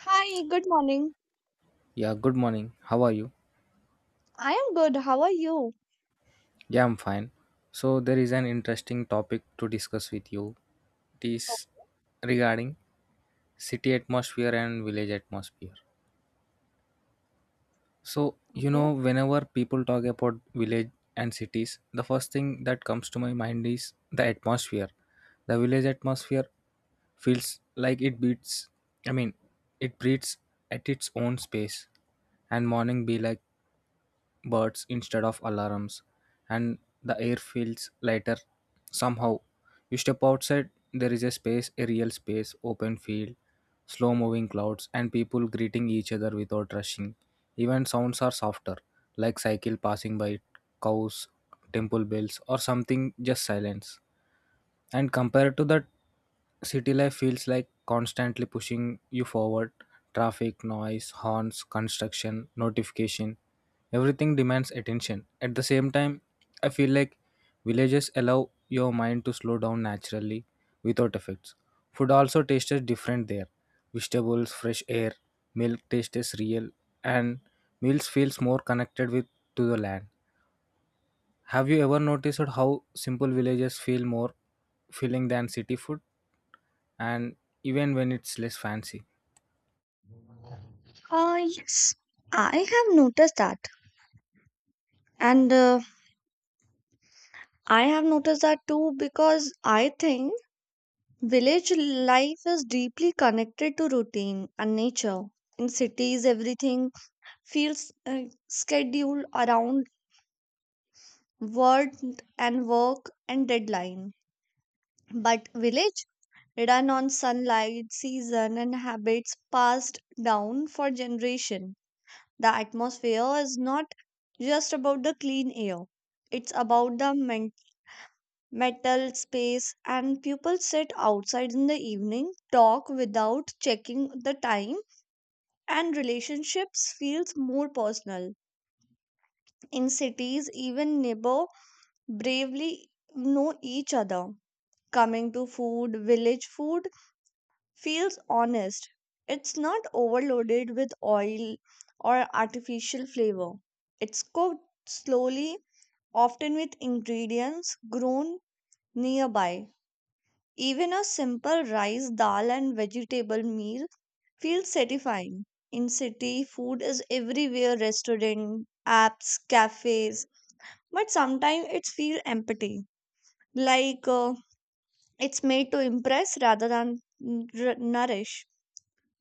Hi, good morning. Yeah, good morning. How are you? I am good. How are you? Yeah, I'm fine. There is an interesting topic to discuss with you. It is regarding city atmosphere and village atmosphere. Okay. Whenever people talk about village and cities, the first thing that comes to my mind is the atmosphere. The village atmosphere feels like it beats, I mean, it breathes at its own space, and morning be like birds instead of alarms, and the air feels lighter somehow. You step outside, there is a space, a real space, open field, slow moving clouds, and people greeting each other without rushing. Even sounds are softer, like cycle passing by, cows, temple bells, or something just silence. And compared to that, city life feels like constantly pushing you forward. Traffic, noise, horns, construction, notification, everything demands attention. At the same time, I feel like villages allow your mind to slow down naturally without effects. Food also tastes different there. Vegetables, fresh air, milk tastes real, and meals feels more connected with to the land. Have you ever noticed how simple villages feel more filling than city food and even when it's less fancy? Yes, I have noticed that. And I have noticed that too because I think village life is deeply connected to routine and nature. In cities, everything feels scheduled around work work and deadline. But village run on sunlight, season, and habits passed down for generation. The atmosphere is not just about the clean air, it's about the metal space, and people sit outside in the evening, talk without checking the time, and relationships feels more personal. In cities, even neighbor bravely know each other. Coming to food, village food feels honest. It's not overloaded with oil or artificial flavor. It's cooked slowly often with ingredients grown nearby. Even a simple rice, dal, and vegetable meal feels satisfying. In city, food is everywhere restaurant, apps, cafes, but sometimes it feels empty. Like it's made to impress rather than nourish.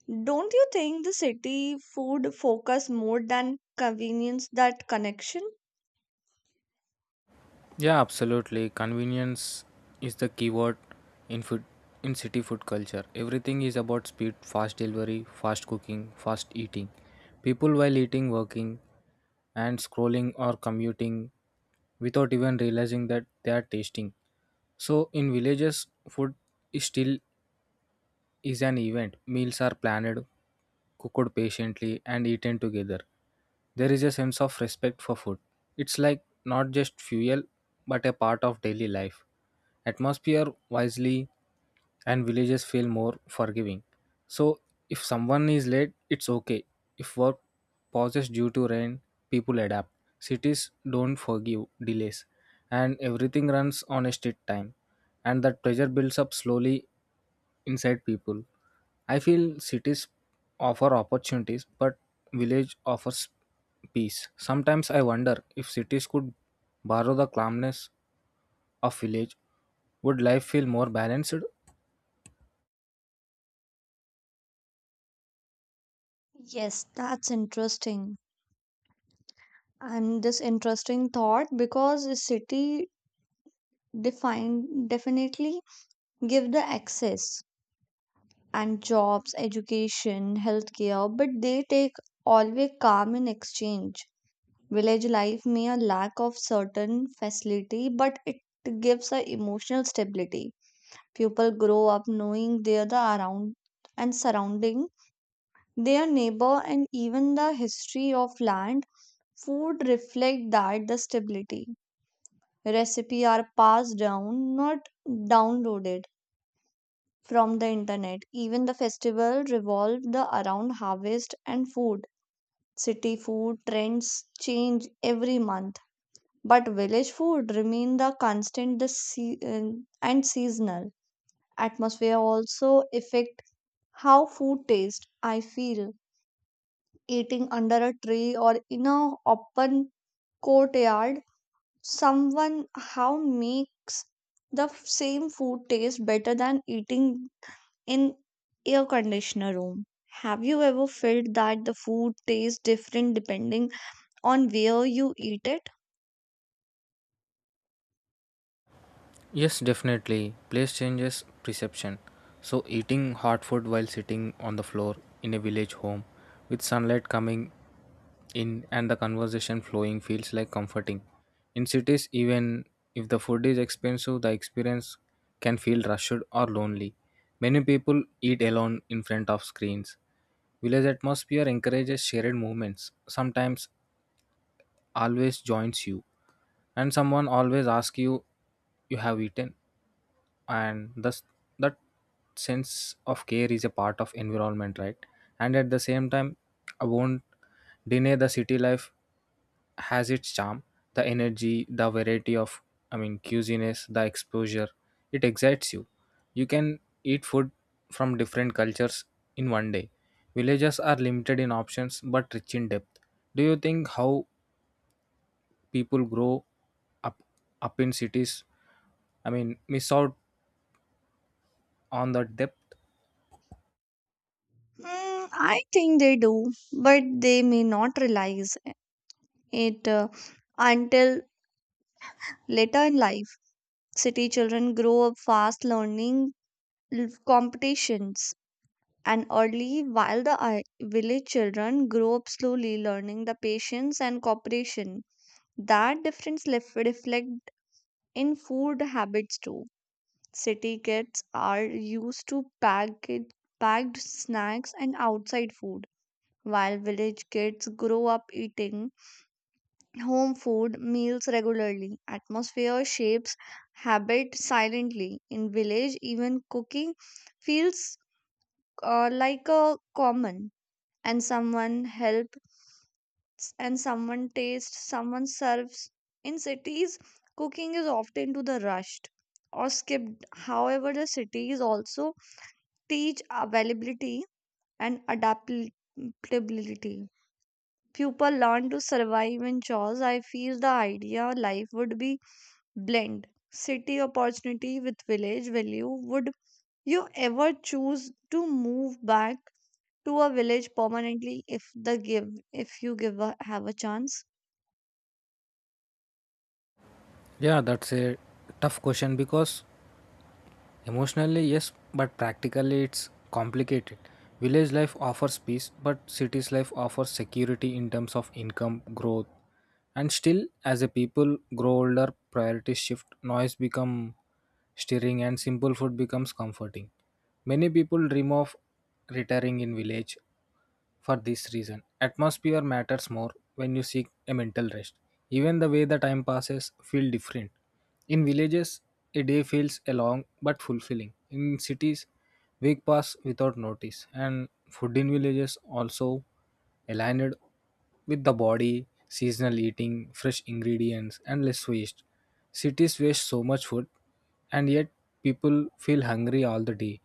Don't you think the city food focus more than convenience that connection? Yeah, absolutely. Convenience is the keyword in food in city food culture. Everything is about speed, fast delivery, fast cooking, fast eating. People while eating, working and scrolling or commuting without even realizing that they are tasting. So in villages food is still is an event. Meals are planned, cooked patiently, and eaten together. There is a sense of respect for food. It's like not just fuel, but a part of daily life. Atmosphere wisely, and villages feel more forgiving. So, if someone is late, it's okay. If work pauses due to rain, people adapt. Cities don't forgive delays, and everything runs on a strict time. And that pressure builds up slowly inside people. I feel cities offer opportunities, but village offers peace. Sometimes I wonder if cities could borrow the calmness of village, would life feel more balanced? Yes, that's interesting. And this interesting thought because a city define definitely give the access and jobs education healthcare, but they take always calm in exchange. Village life may a lack of certain facility, but it gives a emotional stability. People grow up knowing they are the around and surrounding their neighbor and even the history of land. Food reflect that the stability. Recipe are passed down, not downloaded from the internet. Even the festival revolve the around harvest and food. City food trends change every month, but village food remain the constant the and seasonal. Atmosphere also affect how food tastes. I feel eating under a tree or in a open courtyard someone how makes the same food taste better than eating in air conditioner room. Have you ever felt that the food tastes different depending on where you eat it? Yes, definitely. Place changes perception. So, eating hot food while sitting on the floor in a village home with sunlight coming in and the conversation flowing feels like comforting. In cities, even if the food is expensive, the experience can feel rushed or lonely. Many people eat alone in front of screens. Village atmosphere encourages shared movements, sometimes always joins you, and someone always asks you, you have eaten? And thus that sense of care is a part of environment, right? And at the same time, I won't deny the city life has its charm, the energy, the variety of, I mean, cuisines, the exposure. It excites you. You can eat food from different cultures in one day. Villages are limited in options but rich in depth. Do you think how people grow up up in cities, I mean, miss out on the depth? Mm, I think they do, but they may not realize it until later in life. City children grow up fast learning competitions and early, while the village children grow up slowly learning the patience and cooperation. That difference reflect in food habits too. City kids are used to packed snacks and outside food, while village kids grow up eating home food meals regularly. Atmosphere shapes habit silently in village. Even cooking feels like a common, and someone helps and someone tastes someone serves. In cities cooking is often to the rushed or skipped. However, the cities also teach availability and adaptability. People learn to survive in chores. I feel the idea life would be blend city opportunity with village value. Would you ever choose to move back to a village permanently if you give a, have a chance? Yeah, that's a tough question because emotionally, yes, but practically, it's complicated. Village life offers peace, but city's life offers security in terms of income growth. And still, as a people grow older, priorities shift, noise become stirring, and simple food becomes comforting. Many people dream of retiring in village, for this reason, atmosphere matters more when you seek a mental rest. Even the way the time passes feel different. In villages, a day feels a long but fulfilling. In cities, week pass without notice. And food in villages also aligned with the body, seasonal eating, fresh ingredients, and less waste. Cities waste so much food, and yet people feel hungry all the day.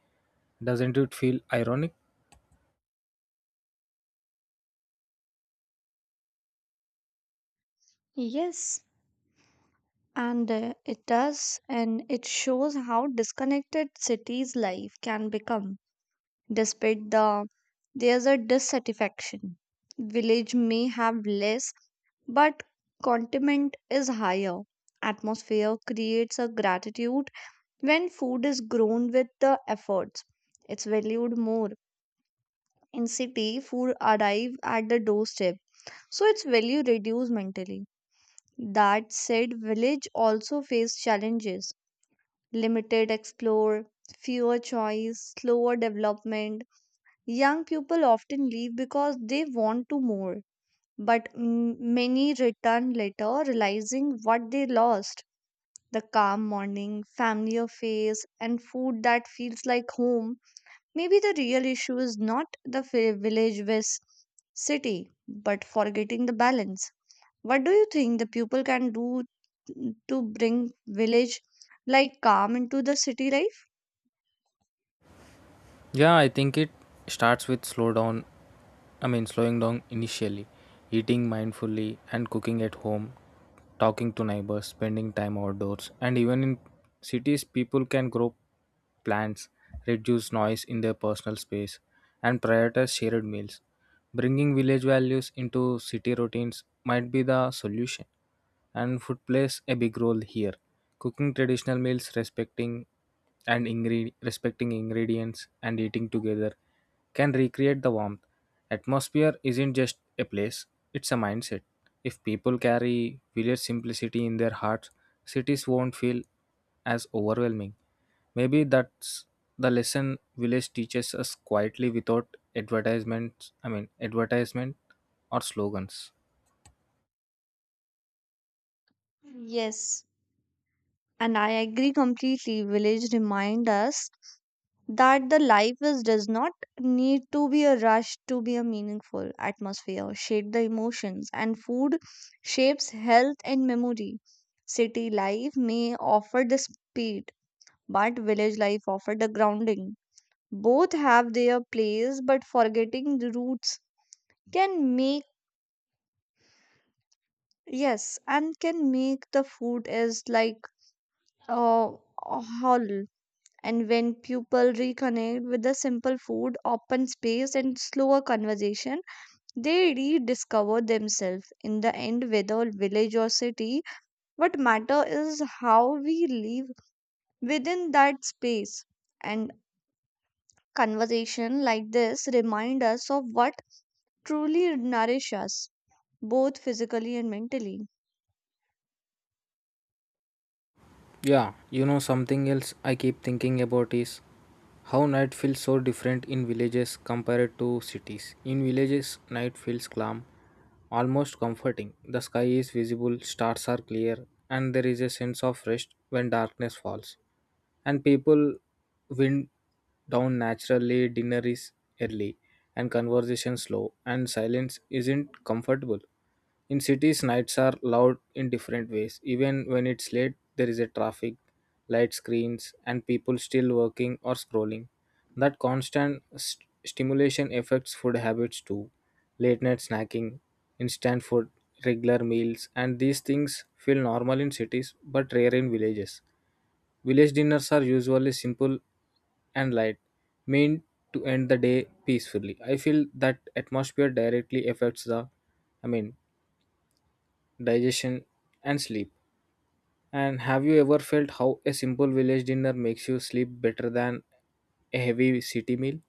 Doesn't it feel ironic? Yes, and it does, and it shows how disconnected cities' life can become. Despite the there's a dissatisfaction. Village may have less, but contentment is higher. Atmosphere creates a gratitude when food is grown with the efforts. It's valued more. In city, food arrive at the doorstep. So its value reduced mentally. That said, village also face challenges. Limited explore, fewer choice, slower development. Young people often leave because they want to more, but many return later realizing what they lost. The calm morning, familiar face, and food that feels like home. Maybe the real issue is not the village versus city, but forgetting the balance. What do you think the people can do to bring village like calm into the city life? Yeah, I think it starts with slow down. Slowing down initially, eating mindfully and cooking at home, talking to neighbors, spending time outdoors, and even in cities, people can grow plants, reduce noise in their personal space, and prioritize shared meals. Bringing village values into city routines might be the solution, and food plays a big role here. Cooking traditional meals, respecting ingredients and eating together can recreate the warmth. Atmosphere isn't just a place, it's a mindset. If people carry village simplicity in their hearts, cities won't feel as overwhelming. Maybe that's the lesson village teaches us quietly without advertisement or slogans. Yes, and I agree completely. Village remind us that the life is does not need to be a rush to be a meaningful atmosphere, shape the emotions, and food shapes health and memory. City life may offer the speed, but village life offer the grounding. Both have their place, but forgetting the roots can make yes, and can make the food is like uh, a whole. And when people reconnect with the simple food, open space, and slower conversation, they rediscover themselves. In the end, whether village or city, what matter is how we live within that space. And conversation like this remind us of what truly nourish us, both physically and mentally. Something else I keep thinking about is how night feels so different in villages compared to cities. In villages, night feels calm, almost comforting. The sky is visible, stars are clear, and there is a sense of rest when darkness falls. And people wind down naturally, dinner is early, and conversation slow, and silence isn't comfortable. In cities, nights are loud in different ways. Even when it's late, there is a traffic, light screens, and people still working or scrolling. That stimulation affects food habits too. Late night snacking, instant food, regular meals, and these things feel normal in cities but rare in villages. Village dinners are usually simple and light, meant to end the day peacefully. I feel that atmosphere directly affects I mean, digestion, and sleep. And have you ever felt how a simple village dinner makes you sleep better than a heavy city meal?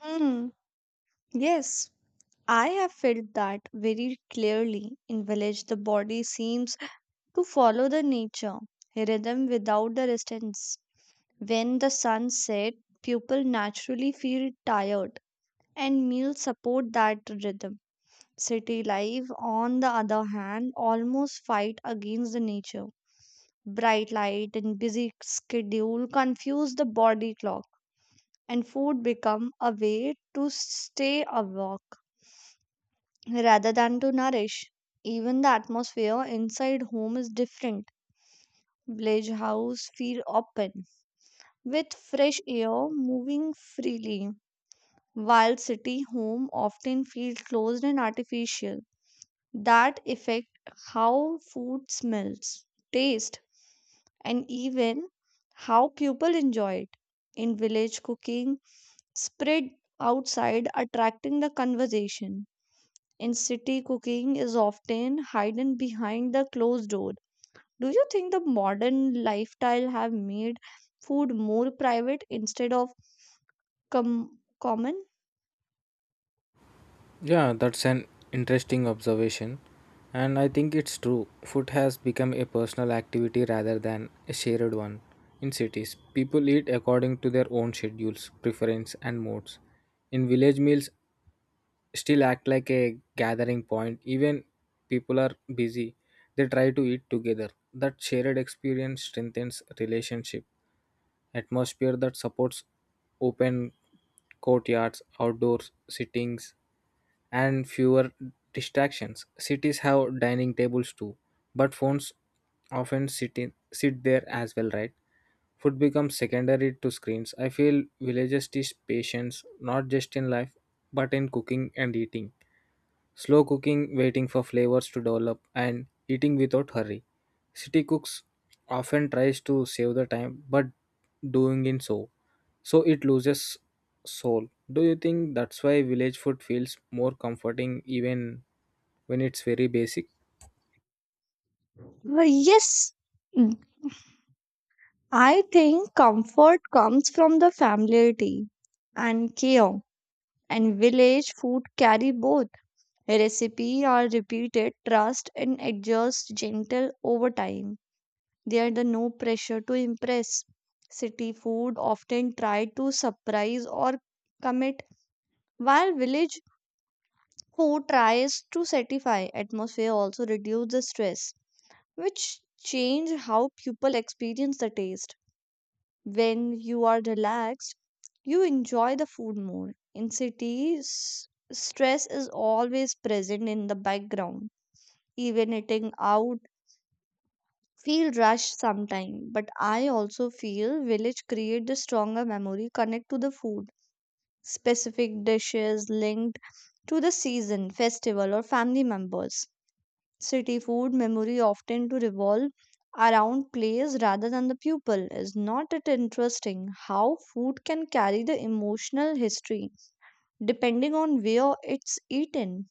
Hmm. Yes. I have felt that very clearly. In village, the body seems to follow the nature rhythm without the resistance. When the sun sets, people naturally feel tired, and meals support that rhythm. City life, on the other hand, almost fight against the nature. Bright light and busy schedule confuse the body clock, and food become a way to stay awake rather than to nourish. Even the atmosphere inside home is different. Village house feel open with fresh air moving freely, while city home often feel closed and artificial. That affect how food smells, taste, and even how people enjoy it. In village cooking, spread outside, attracting the conversation in city, cooking is often hidden behind the closed door. Do you think the modern lifestyle have made food more private instead of common? Yeah, that's an interesting observation. And I think it's true. Food has become a personal activity rather than a shared one. In cities, people eat according to their own schedules, preference, and moods. In village meals, still act like a gathering point even people are busy, they try to eat together. That shared experience strengthens relationship atmosphere that supports open courtyards, outdoor sittings, and fewer distractions. Cities have dining tables too, but phones often sit there as well, right? Food becomes secondary to screens. I feel villages teach patience not just in life but in cooking and eating. Slow cooking, waiting for flavors to develop, and eating without hurry. City cooks often tries to save the time, but doing in so so it loses soul. Do you think that's why village food feels more comforting even when it's very basic? Well, yes, mm, I think comfort comes from the familiarity and care, and village food carry both. Recipe are repeated, trust, and adjust gentle over time. They are the no pressure to impress. City food often try to surprise or commit, while village food tries to satisfy. Atmosphere also reduce the stress, which change how people experience the taste. When you are relaxed, you enjoy the food more. In cities, stress is always present in the background. Even eating out feel rushed sometime, but I also feel village create the stronger memory connect to the food. Specific dishes linked to the season, festival, or family members. City food memory often to revolve around place rather than the pupil. Is not it interesting how food can carry the emotional history depending on where it's eaten?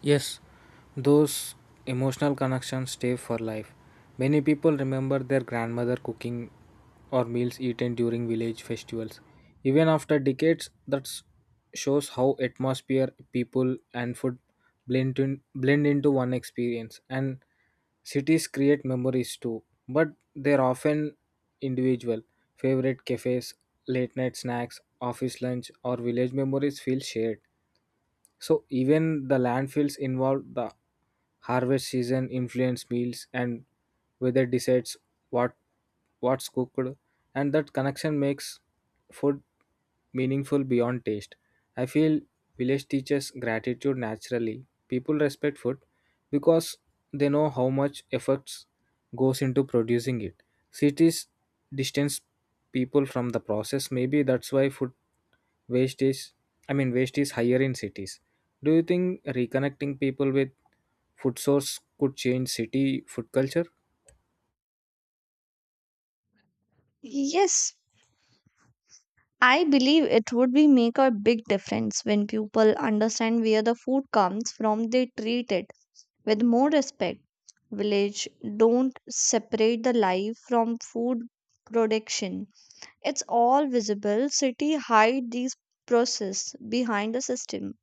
Yes, those emotional connections stay for life. Many people remember their grandmother cooking or meals eaten during village festivals. Even after decades, shows how atmosphere, people, and food blend into one experience. And cities create memories too, but they're often individual. Favorite cafes, late night snacks, office lunch, or village memories feel shared. So even the landfills involve the harvest season, influence meals, and weather decides what what's cooked, and that connection makes food meaningful beyond taste. I feel village teaches gratitude naturally. People respect food because they know how much efforts goes into producing it. Cities distance people from the process. Maybe that's why food waste is i mean waste is higher in cities. Do you think reconnecting people with food source could change city food culture? Yes, I believe it would be make a big difference. When people understand where the food comes from, they treat it with more respect. Village don't separate the life from food production. It's all visible. City hide these process behind the system.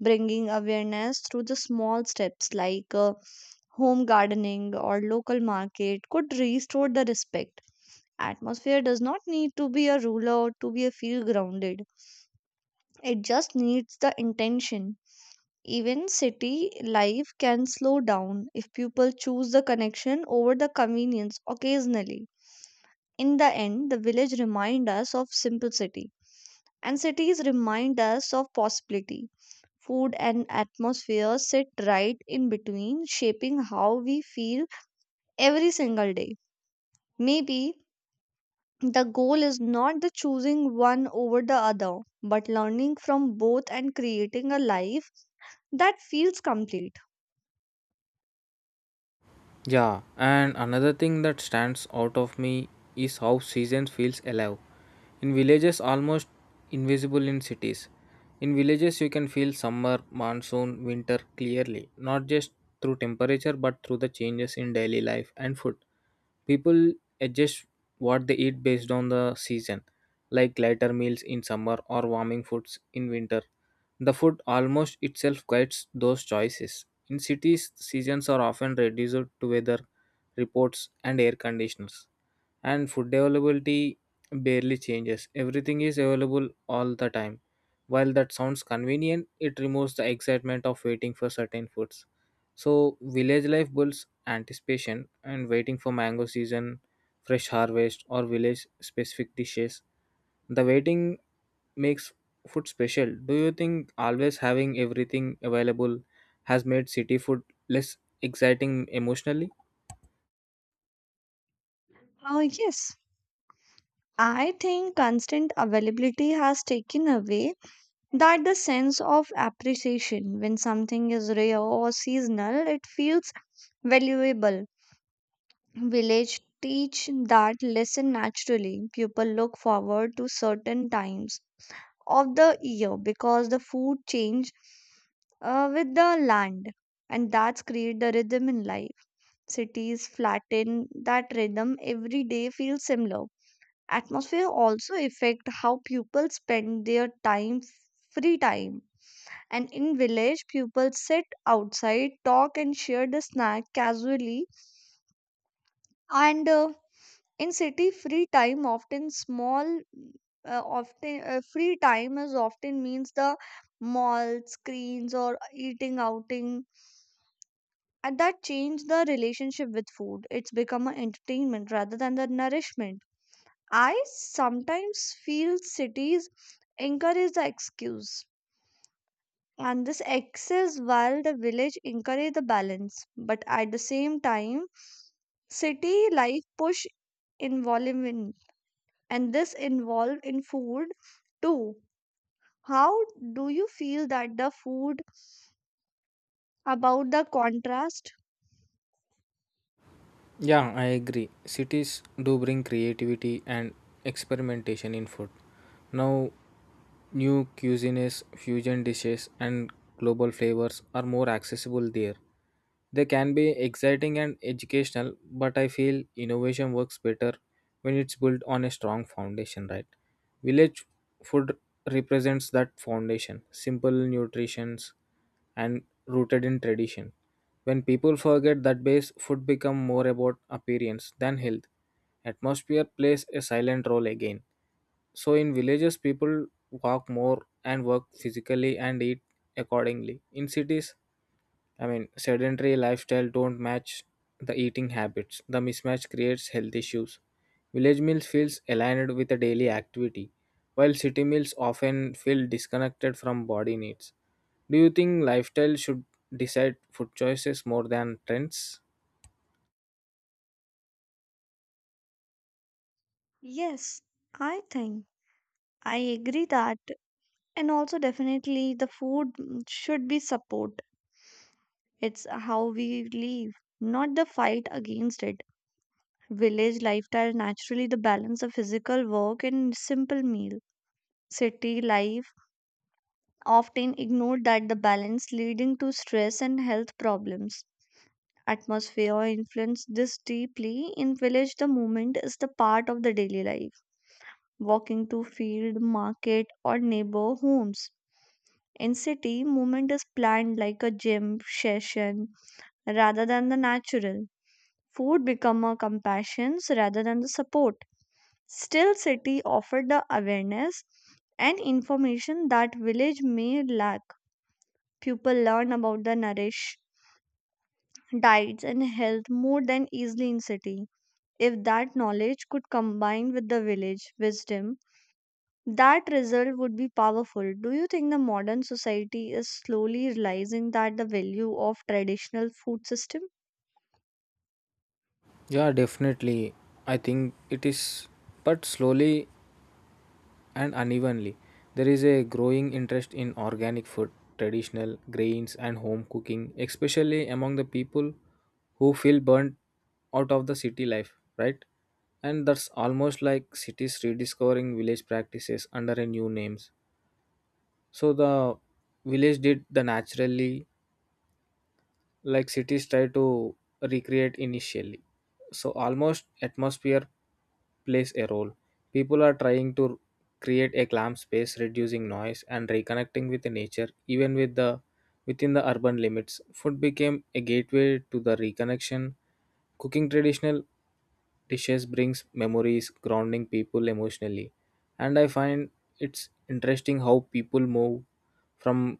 Bringing awareness through the small steps like home gardening or local market could restore the respect. Atmosphere does not need to be a ruler to be a feel grounded, it just needs the intention. Even city life can slow down if people choose the connection over the convenience occasionally. In the end, the village remind us of simplicity, and cities remind us of possibility. Food and atmosphere sit right in between, shaping how we feel every single day. Maybe the goal is not the choosing one over the other, but learning from both and creating a life that feels complete. Yeah, and another thing that stands out of me is how seasons feels alive in villages, almost invisible in cities. In villages you can feel summer, monsoon, winter clearly, not just through temperature but through the changes in daily life and food. People adjust what they eat based on the season, like lighter meals in summer or warming foods in winter. The food almost itself guides those choices. In cities, seasons are often reduced to weather reports and air conditioners, and food availability barely changes. Everything is available all the time. While that sounds convenient, it removes the excitement of waiting for certain foods. So village life builds anticipation and waiting for mango season, fresh harvest, or village specific dishes. The waiting makes food special. Do you think always having everything available has made city food less exciting emotionally? Yes, I think constant availability has taken away that the sense of appreciation. When something is rare or seasonal, it feels valuable. Village teach that lesson naturally. People look forward to certain times of the year because the food change with the land, and that's create the rhythm in life. Cities flatten that rhythm. Every day feels similar. Atmosphere also affect how people spend their time, free time. And in village people sit outside, talk and share the snack casually. And in city free time often small often free time is often means the mall screens or eating outing, and that changed the relationship with food. It's become an entertainment rather than the nourishment. I sometimes feel cities encourage the excuse and this excess, while the village encourage the balance. But at the same time, city life push involvement, and this involved in food too. How do you feel that the food about the contrast? Yeah, I agree. Cities do bring creativity and experimentation in food. Now, new cuisines, fusion dishes, and global flavors are more accessible there. They can be exciting and educational, but I feel innovation works better when it's built on a strong foundation, right? Village food represents that foundation simple nutritions, and rooted in tradition. When people forget that base, food become more about appearance than health. Atmosphere plays a silent role again. So in villages, people walk more and work physically and eat accordingly. In cities, sedentary lifestyle don't match the eating habits. The mismatch creates health issues. Village meals feels aligned with a daily activity, while city meals often feel disconnected from body needs. Do you think lifestyle should decide food choices more than trends? Yes, I think I agree that, and also definitely the food mm, should be support. It's how we live, not the fight against it. Village lifestyle naturally the balance of physical work and simple meal. City life often ignored that the balance leading to stress and health problems. Atmosphere influence this deeply. In village the movement is the part of the daily life, walking to field market or neighbor homes. In city movement is planned like a gym session rather than the natural. Food become a compassions rather than the support. Still city offered the awareness and information that village may lack. People learn about the nourish diets and health more than easily in city. If that knowledge could combine with the village wisdom, that result would be powerful. Do you think the modern society is slowly realizing that the value of traditional food system? Yeah, definitely. I think it is, but slowly and unevenly. There is a growing interest in organic food, traditional grains, and home cooking, especially among the people who feel burnt out of the city life, right? And that's almost like cities rediscovering village practices under a new names. So the village did the naturally like cities try to recreate initially. So almost atmosphere plays a role. People are trying to create a calm space, reducing noise and reconnecting with the nature, even within the urban limits. Food became a gateway to the reconnection. Cooking traditional dishes brings memories, grounding people emotionally. And I find it's interesting how people move from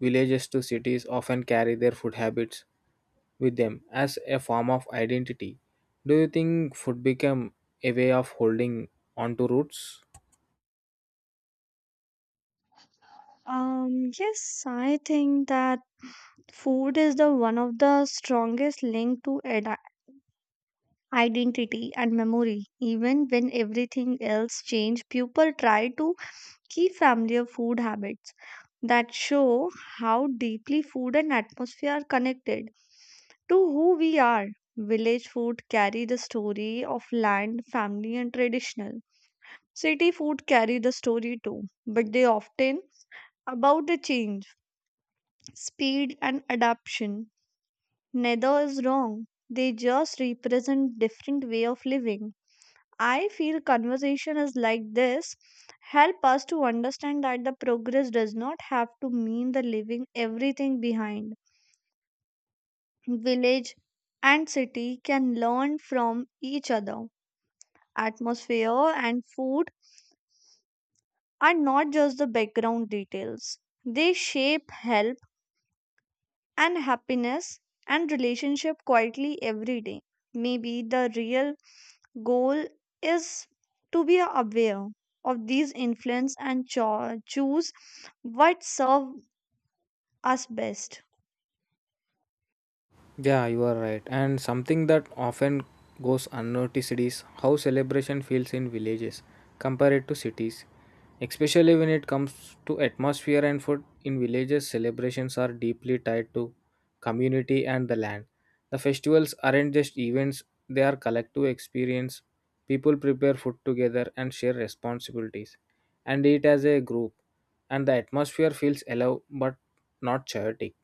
villages to cities often carry their food habits with them as a form of identity. Do you think food became a way of holding onto roots? Yes, I think that food is the one of the strongest link to identity and memory. Even when everything else change, people try to keep familiar food habits that show how deeply food and atmosphere are connected to who we are. Village food carry the story of land, family, and traditional. City food carry the story too, but they often about the change, speed, and adaptation. Neither is wrong. They just represent different way of living. I feel conversation is like this help us to understand that the progress does not have to mean the leaving everything behind. Village and city can learn from each other. Atmosphere and food are not just the background details. They shape health and happiness and relationship quietly every day. Maybe the real goal is to be aware of these influence and choose what serve us best. Yeah, you are right. And something that often goes unnoticed is how celebration feels in villages compared to cities. Especially when it comes to atmosphere and food, in villages, celebrations are deeply tied to community and the land. The festivals aren't just events, they are collective experience. People prepare food together and share responsibilities and eat as a group. And the atmosphere feels alive but not chaotic.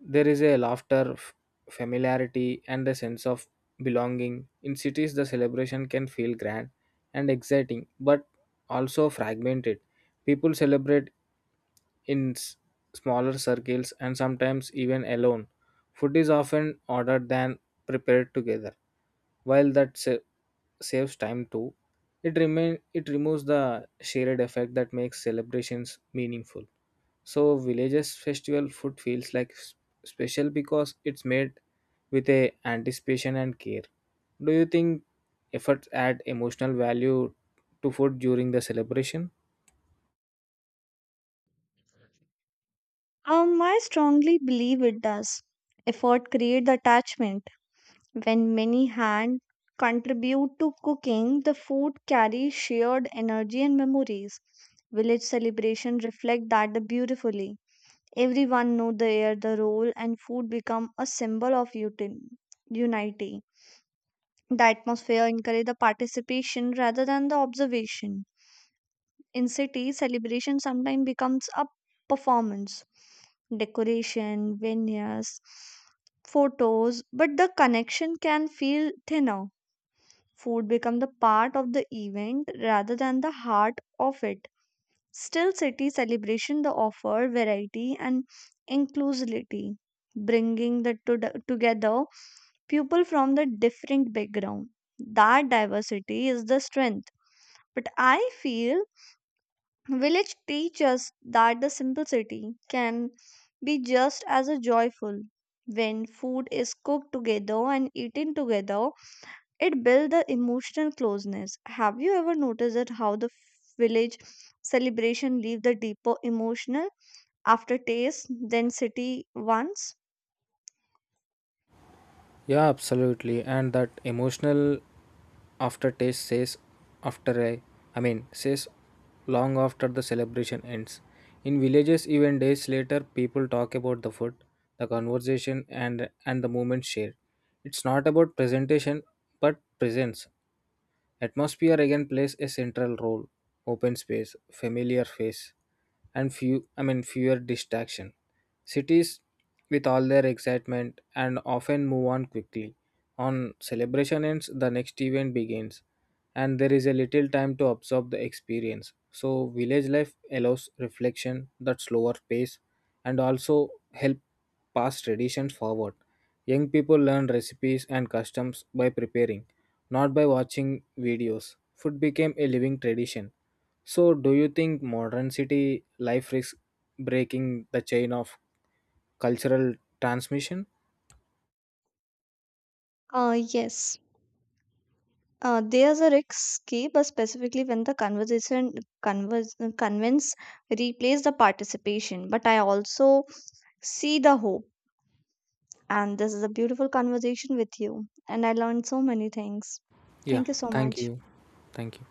There is a laughter, familiarity, and a sense of belonging. In cities, the celebration can feel grand and exciting, but also fragmented. People celebrate in s- smaller circles and sometimes even alone. Food is often ordered than prepared together. While saves time too, it removes the shared effect that makes celebrations meaningful. So villages festival food feels special because it's made with a anticipation and care. Do you think efforts add emotional value to food during the celebration? I strongly believe it does. Effort create the attachment. When many hands contribute to cooking, the food carries shared energy and memories. Village celebrations reflect that beautifully. Everyone know their the role, and food become a symbol of unity. The atmosphere encourage the participation rather than the observation. In cities, celebration sometimes becomes a performance, decoration, veneers, photos, but the connection can feel thinner. Food become the part of the event rather than the heart of it. Still, city celebration the offer variety and inclusivity, bringing the together people from the different background. That diversity is the strength. But I feel village teaches that the simplicity can be just as a joyful. When food is cooked together and eaten together, it builds the emotional closeness. Have you ever noticed that how the village celebration leave the deeper emotional aftertaste than city ones? Yeah, absolutely. And that emotional aftertaste says after a I mean says long after the celebration ends. In villages even days later people talk about the food, the conversation and the moment shared. It's not about presentation but presence. Atmosphere again plays a central role. Open space, familiar face, and fewer distraction. Cities with all their excitement and often move on quickly. On celebration ends, the next event begins, and there is a little time to absorb the experience. So village life allows reflection that slower pace and also help pass traditions forward. Young people learn recipes and customs by preparing, not by watching videos. Food became a living tradition. So, do you think modern city life risks breaking the chain of cultural transmission? Yes. There's a risky, but specifically when the conversation converse, convince replace the participation. But I also see the hope, and this is a beautiful conversation with you. And I learned so many things. Yeah, Thank you so thank much. you. Thank you.